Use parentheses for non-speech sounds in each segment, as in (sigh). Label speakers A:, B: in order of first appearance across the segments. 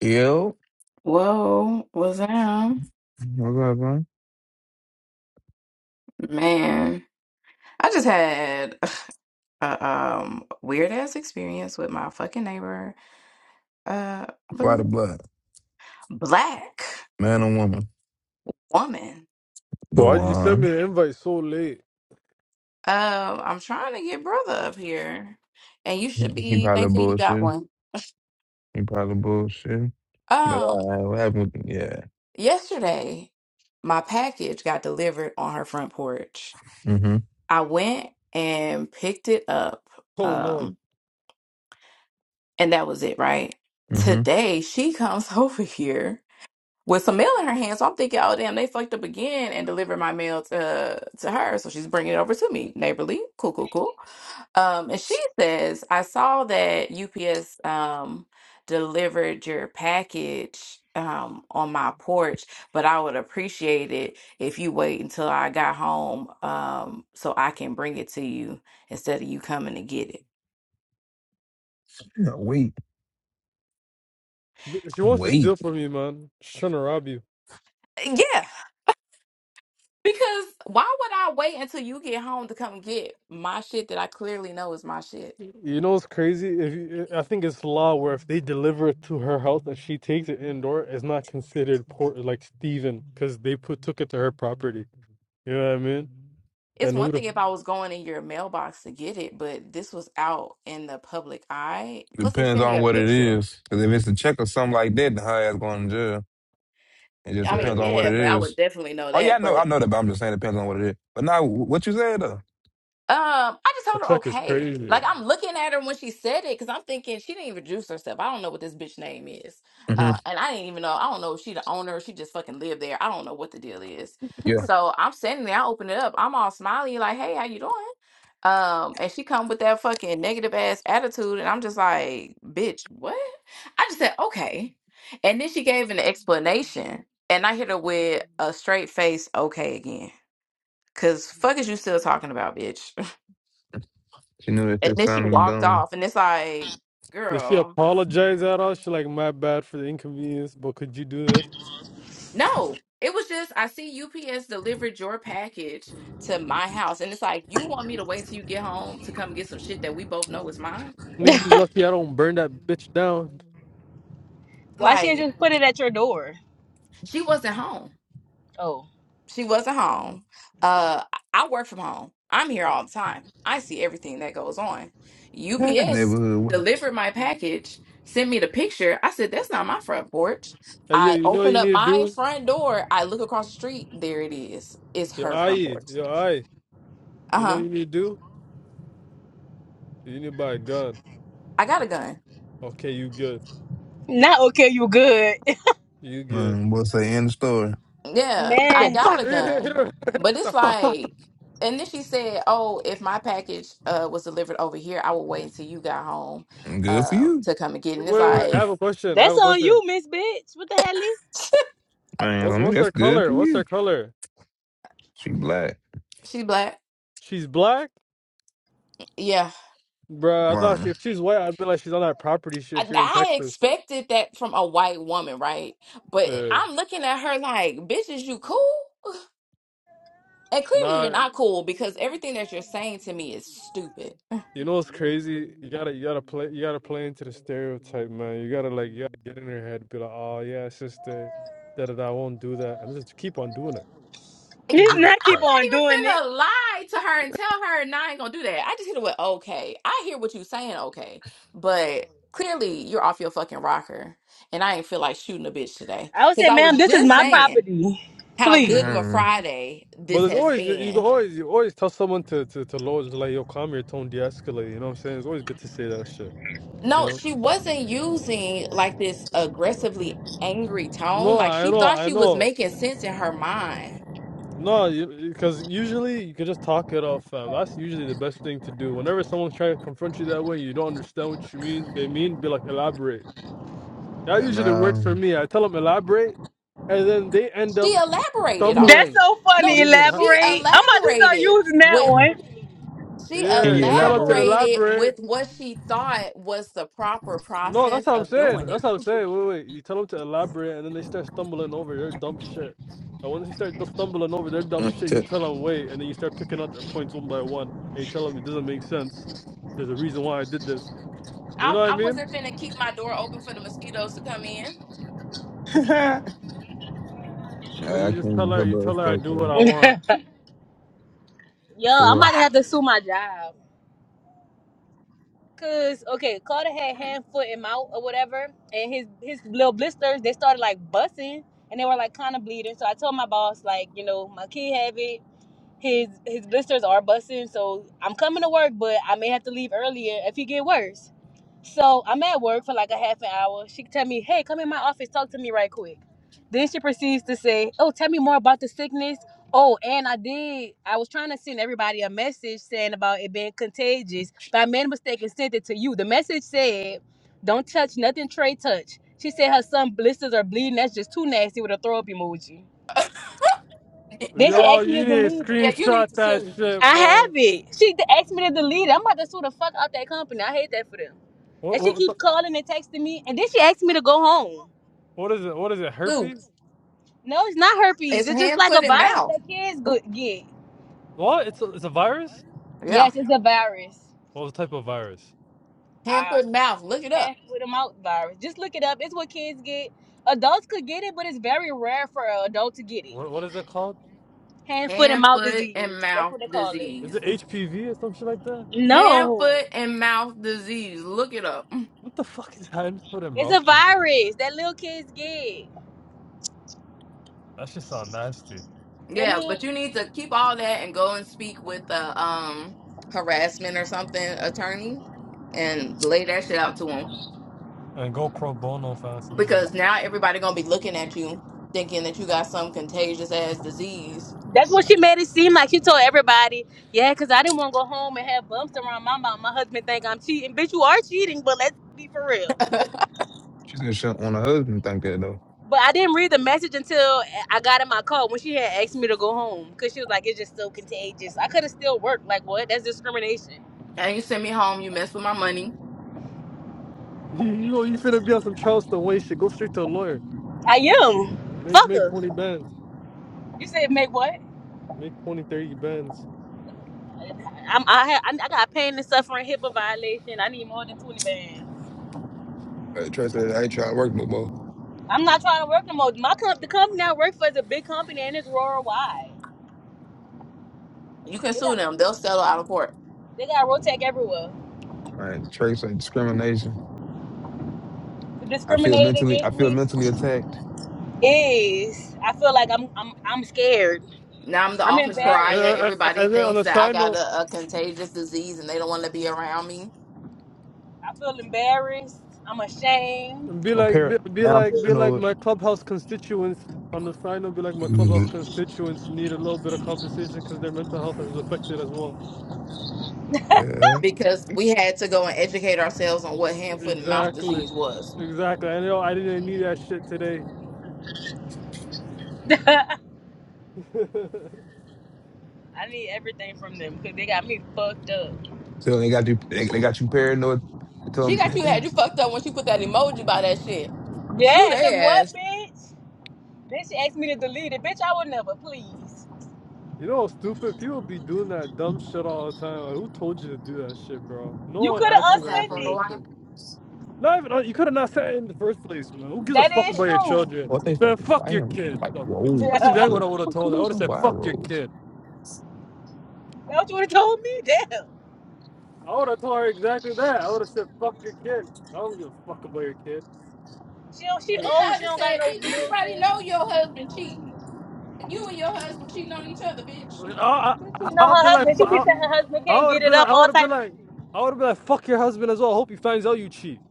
A: Yo,
B: Whoa, what's up?
A: what's up, man?
B: Man, I just had (sighs) a um weird ass experience with my fucking neighbor, uh
A: Why
B: bl-
A: the blood?
B: black
A: Man or woman?
B: woman.
A: Go
C: Why'd you send
A: on.
C: me the invite so late?
B: Um, I'm trying to get brother up here, and you
A: He
B: should
A: he
B: be
A: probably
B: thankful you got
A: bullshit.
B: one.
A: He probably bullshit. But
B: Um,
A: uh, what happened? With, yeah.
B: yesterday my package got delivered on her front porch.
A: Mm-hmm.
B: I went and picked it up,
C: Oh no,
B: um, and that was it, right?
A: Mm-hmm.
B: Today she comes (laughs) over here with some mail in her hand. So I'm thinking, oh damn, they fucked up again and delivered my mail to to her. So she's bringing it over to me, neighborly, cool, cool, cool. Um, and she says, I saw that UPS um delivered your package um on my porch, but I would appreciate it if you wait until I got home um so I can bring it to you instead of you coming to get it.
A: Yeah, Wait.
C: she wants to
A: Wait.
C: steal from you, man. She's trying to rob you.
B: Yeah. Because why would I wait until you get home to come get my shit that I clearly know is my shit?
C: You know what's crazy? If you, eh, I think it's law where if they deliver it to her house and she takes it indoor, it's not considered port like Steven because they put took it to her property. You know what I mean?
B: It's
C: And who
B: one
C: the
B: thing if I was going in your mailbox to get it, but this was out in the public eye. Plus, they
A: Depends
B: sent me
A: on
B: a
A: what it
B: picture.
A: is. Cause if it's a check or something like that, then her ass going to jail. It just
B: I
C: yeah,
B: mean,
A: depends on what
B: yeah,
A: it
C: yeah,
B: but
C: yeah.
B: I
A: is.
B: would definitely know
A: Oh yeah, I
B: that.
A: know, I
B: But
A: know that, but I'm just saying it depends on what it is. But now, what you said though?
B: Um, I just
C: The
B: told her
C: check is
B: okay.
C: crazy.
B: Like I'm looking at her when she said it because I'm thinking she didn't even juice herself. I don't know what this bitch name is,
A: hmm
B: uh, and I didn't even know. I don't know if she the owner. She just fucking lived there. I don't know what the deal is.
A: Yeah,
B: So I'm sitting there. I open it up. I'm all smiley, like, "Hey, how you doing?" Um, and she come with that fucking negative ass attitude, and I'm just like, "Bitch, what?" I just said okay, and then she gave an explanation, and I hit her with a straight face, okay again, cause fuck is you still talking about, bitch?
A: she knew that
B: And
A: this
B: then she
A: sounded
B: walked
A: dumb.
B: off, and it's like,
C: Did she
B: girl,
C: apologize at all? She like, my bad for the inconvenience, but could you do this?
B: no. It was just I see UPS delivered your package to my house, and it's like you want me to wait till you get home to come get some shit that we both know is mine.
D: (laughs)
C: Nigga, you lucky I don't burn that bitch down.
D: Why she ain't
B: Like
D: just put it at your door?
B: she wasn't home.
D: Oh,
B: She wasn't home. Uh, I work from home. I'm here all the time. I see everything that goes on.
A: That
B: UPS
A: neighborhood, what?
B: delivered my package, sent me the picture. I said, that's not my front porch.
C: Hey, yo,
B: I
C: you know what
B: open
C: you
B: up
C: need to
B: my
C: do?
B: front door. I look across the street. There it is. It's
C: Your
B: her front
C: eye,
B: porch.
C: your eye. You know what
B: Uh-huh.
C: you need to do? You need to buy a gun.
B: I got a gun.
C: Okay, you good.
D: not okay. You good,
C: You good.
A: Man, what's say in the story?
D: (laughs)
B: Yeah,
C: (laughs)
B: I
D: man?
B: got
C: What
B: a gun. But it's
C: the fuck?
B: like, and then she said, oh, if my package uh was delivered over here, I will wait until you got home
A: Good for
B: uh,
A: you,
B: to come and get it. And it's
C: Wait, wait, I
B: like,
C: have a question. I have
D: That's
C: a
D: on
C: question.
D: you, Miss Bitch. What the hell? You
A: man.
C: What's
A: I mean,
C: what's
A: that's
C: her
A: good for
C: color? What's her
A: you.
C: color?
A: She black,
B: She black.
C: She's black?
B: Yeah.
C: Bruh, I thought she,
A: man.
C: if she's white, I'd be like she's on that property shit
B: I,
C: if you're in
B: I
C: Texas.
B: expected that from a white woman, right? But
C: Yeah.
B: I'm looking at her like, bitch, is you cool? And clearly you're
C: Nah,
B: not cool because everything that you're saying to me is stupid.
C: you know what's crazy? You gotta you gotta play you gotta play into the stereotype, man. You gotta like you gotta get in her head, be like, oh yeah, sister, da da da I won't do that. And just keep on doing it.
B: Like,
C: Who
D: did
C: gives a
B: I'm,
D: not keep
C: fuck?
D: on doing it.
B: I'm not even finna lie to her and tell her, nah, I ain't gonna do that. I just hit it with, okay. I hear what you saying, okay. But clearly you're off your fucking rocker. And I ain't feel like shooting a bitch today.
D: I would say,
B: Because I
D: ma'am,
B: was
D: this is
B: just
D: my
B: saying
D: property.
B: how
D: Please.
B: good of a
A: Mm.
B: Friday
C: But
B: this
C: there's
B: has
C: always you can
B: been.
C: always you always tell someone to to to lower just like yo calm your tone de-escalate. You know what I'm saying? It's always good to say that shit. You
B: No,
C: know?
B: she wasn't using like this
C: But-
B: aggressively angry tone.
C: No,
B: Like
C: I
B: she
C: know,
B: thought
C: I
B: she was
C: know.
B: making sense in her mind.
C: No, because usually you can just talk it off, fam. That's usually the best thing to do. Whenever someone's trying to confront you that way, you don't understand what you mean. They mean be like elaborate. That
A: And
C: usually works for
A: um,
C: me. I tell them elaborate, and then they end
B: She
C: up
B: elaborated on.
D: That's
C: stumbling.
D: so
B: No,
C: What
D: funny.
C: do you mean?
B: sh-
C: Huh?
B: she
D: Elaborate. I'm about to start
B: elaborated
D: using that
B: with
A: can
B: she
C: Yeah,
A: you
C: you tell them to
A: elaborate?
B: elaborated
C: elaborate.
B: with what she thought was the proper
C: No, that's
B: process
C: what I'm
B: of
C: saying.
B: doing
C: That's
B: it.
C: what I'm
B: (laughs)
C: saying. Wait, wait. You tell them to elaborate, and then they start stumbling over their dumb shit. And once they start d- stumbling over their dumb
A: Mm,
C: shit, you
A: t-
C: tell them wait, and then you start picking out their points one by one, and you tell them it doesn't make sense. There's a reason why I did this. You
B: I,
C: know what I
B: I
C: mean?
B: wasn't finna keep my door open for the mosquitoes to come in.
A: (laughs)
C: And
A: Nah, I
C: you just tell
A: can't
C: her,
A: help
C: you
A: but
C: tell her I
A: respect
C: do what
D: one.
A: that.
C: I want.
D: (laughs) Yo,
A: For
D: I'm about
A: what?
D: to
B: Why?
D: have to sue my job. Cause okay, Carter had
B: Mm,
D: hand, foot, and mouth or whatever, and his his little blisters they started like busting, and they were like kind of bleeding. So I told my boss like, you know, my kid have it. his his blisters are busting, so I'm coming to work, but I may have to leave earlier if he get worse. So I'm at work for like a half an hour. She tell me, "Hey, come in my office, talk to me right quick." Then she proceeds to say, "Oh, tell me more about the sickness." Oh, and I did. I was trying to send everybody a message saying about it being contagious, but I made a mistake and sent it to you. The message said, "Don't touch nothing, Trey. Touch." She said her son blisters are bleeding. That's just too nasty with a throw up emoji. Then she
B: Yeah,
C: Yo,
D: asked me
C: you
D: to
C: need to
D: delete it.
B: yeah, you
C: screenshot
B: need to
C: that
B: sue.
C: shit,
D: I
C: bro.
D: have it. She d- asked me to delete it. I'm about to sue the fuck out that company. I hate that for them.
C: What
D: And she
C: what the-
D: keep calling and texting me, and then she asked me to go home.
C: what is it? What is it?
B: Sue.
C: Herpes?
D: No, it's not herpes.
B: It's
D: It's just
B: hand,
D: like a
B: foot, and
D: virus
B: mouth.
D: that kids go- get.
C: What? It's a, it's a virus?
B: Yeah.
D: Yes, it's a virus.
C: What type of virus?
B: Hand,
D: I
B: foot, and mouth. Look it up.
D: passed with a mouth virus. Just look it up. It's what kids get. Adults could get it, but it's very rare for an adult to get it.
C: What what is it called?
D: Hand, foot, and
B: Hand,
D: mouth
B: foot,
D: disease.
B: and
D: That's
B: mouth
D: what they call it.
C: Is
B: disease.
C: it HPV or some shit like that?
B: Hand,
D: No,
B: foot, and mouth disease. Look it up.
C: What the fuck is hand foot and
D: it's
C: mouth?
D: a
C: disease?
D: virus that little kids get.
C: That shit sound nasty.
D: I
B: Yeah,
D: mean,
B: but you need to keep all that and go and speak with the um harassment or something attorney and lay that shit out to him
C: And go pro bono sounds easy.
B: because now everybody gonna be looking at you thinking that you got some contagious ass disease.
D: That's what she made it seem like. She told everybody, yeah, because I didn't want to go home and have bumps around my mouth. My husband think I'm cheating. Bitch, you are cheating, but let's be for real.
B: (laughs)
A: She said she don't want her husband to think that though.
D: But I didn't read the message until I got in my car when she had asked me to go home because she was like, it's just so contagious. I could have still worked. Like, what? That's discrimination.
B: and you send me home. You mess with my money.
C: (laughs) you know, you finna be on some Charleston way shit. Go straight to a lawyer.
D: I am.
C: Make
D: Fuck
C: make
D: her.
C: 20 bands.
D: You said make what?
C: Make twenty thirty bands. (laughs)
D: I'm, I, ha I, I got pain and suffering, HIPAA violation. I need more than 20 bands.
A: Uh, Trey said I ain't trying to work no more.
D: I'm not trying to work no more. My comp- the company I work for is a big company and it's worldwide.
B: You can sue them. They'll settle out of court.
D: They got Rotec everywhere.
A: Like Trey said discrimination. I feel
D: Discriminated
A: mentally. I
D: against
A: feel
D: me
A: mentally attacked.
D: is I feel like I'm I'm I'm scared.
B: Now I'm the
D: I'm
B: office
C: Uh, uh,
B: pariah.
D: embarrassed.
C: uh,
B: Everybody
C: And then on
B: thinks
C: a
B: that I
C: side
B: got
C: note,
B: a, a contagious disease and they don't want to be around me.
D: I feel embarrassed. I'm ashamed.
C: be
A: I'm
C: like be,
A: par.
C: be
A: Now I'm
C: like be like
A: paranoid.
C: my clubhouse constituents. On the side note, be like my clubhouse
A: Mhm.
C: constituents need a little bit of compensation because their mental health is affected as well.
A: Yeah.
B: because we had to go and educate ourselves on what hand, foot, and mouth
C: Exactly.
B: disease was.
C: Exactly. I know I didn't need that shit today.
D: (laughs) I
C: (laughs)
D: need everything from them because they got me fucked up.
A: So they got you. They, they got you paranoid. They Tell
B: She got you had
A: them
B: you
A: (clears throat)
B: fucked up when she put that emoji by that shit. Sue
D: Yeah, cause
B: they
D: what,
B: ass.
D: bitch? Bitch asked me to delete it. Bitch, I would never. Please,
C: You know, stupid people be doing that dumb shit all the time. Like, who told you to do that shit, bro? No
D: you
C: one
D: could
C: asked for
D: have
C: that
D: unsent it.
C: information. Not even uh, you could have not said it in the first place, man. Who gives a
D: That
C: fuck
D: is
C: about your
D: true.
A: (laughs)
C: children?
A: what they
C: Man,
A: fucking
C: fuck your
A: buying.
C: kids.
A: Like
C: Fuck-
D: (laughs)
A: whoa.
C: That's
A: Top
C: exactly
A: of
D: That's
C: what
A: the
C: I would have
A: fuck.
C: told
A: What
C: her. I
A: are
C: would have
A: some
C: said,
A: wire
C: "Fuck your
A: rolls?
C: kid."
D: what you would have told me. Damn.
C: I would have told her exactly that. I would have said, "Fuck your kid." I don't give a fuck about your kid.
D: She don't. She
B: And then
C: I,
D: old.
B: I
D: She
B: just
D: don't got
B: said,
D: no
B: bitch,
D: little
B: everybody know
D: kids.
B: your husband cheating. And you and your husband cheating on each other, bitch.
C: I,
D: She know
C: I'll
D: her
C: be like,
D: husband.
C: fu-
D: She be
C: I,
D: saying her husband
C: I
D: can't
C: would
D: get
C: have
D: it
C: been like,
D: up.
C: I
D: All
C: would have
D: type
C: been
D: of shit.
C: like, I would have been like, "Fuck your husband as well." Hope he finds out you cheat.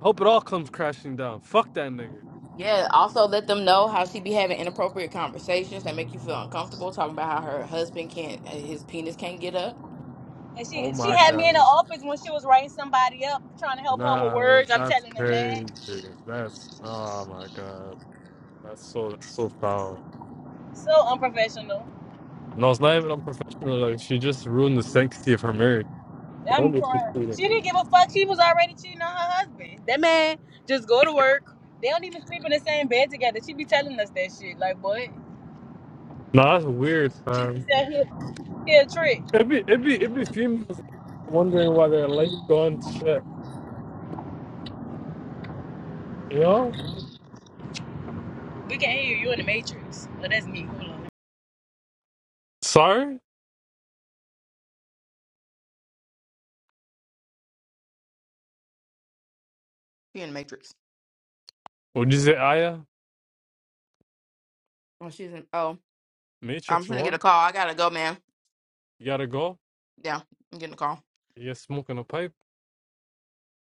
C: Hope it all comes crashing down. Fuck that nigga.
B: Yeah, also let them know how she be having inappropriate conversations that make you feel uncomfortable, talking about how her husband can't, uh, his penis can't get up.
D: And
C: Oh
D: she she
C: my
D: had me in the
C: god.
D: office when she was writing somebody up, trying to help her with
C: No,
D: words. I'm
C: that's
D: telling them
C: crazy.
D: that.
C: That's oh my god. That's so that's so foul.
D: So unprofessional.
C: No, it's not even unprofessional. Like she just ruined the sanctity of her marriage. I
D: I'm
C: wonder if she's
D: crying. She
C: cheating.
D: didn't give a fuck. She was already cheating on her husband. That man just go to work. They don't even sleep in the same bed together. She be telling us that shit. Like what?
C: Nah, that's weird,
D: She be
C: fam.
D: saying he, he a trick.
C: It'd be it'd be it'd be females wondering why their life gone to shit. You know?
D: We can't hear you. You in the matrix. Well, that's me. Hold on.
C: Sorry?
B: She in the Matrix.
C: What'd you say, Aya?
B: Oh, she's in, oh, I'm
C: Matrix
B: finna get
C: what?
B: a call. I gotta go, man.
C: You gotta go?
B: Yeah, I'm getting a call.
C: You're smoking a pipe?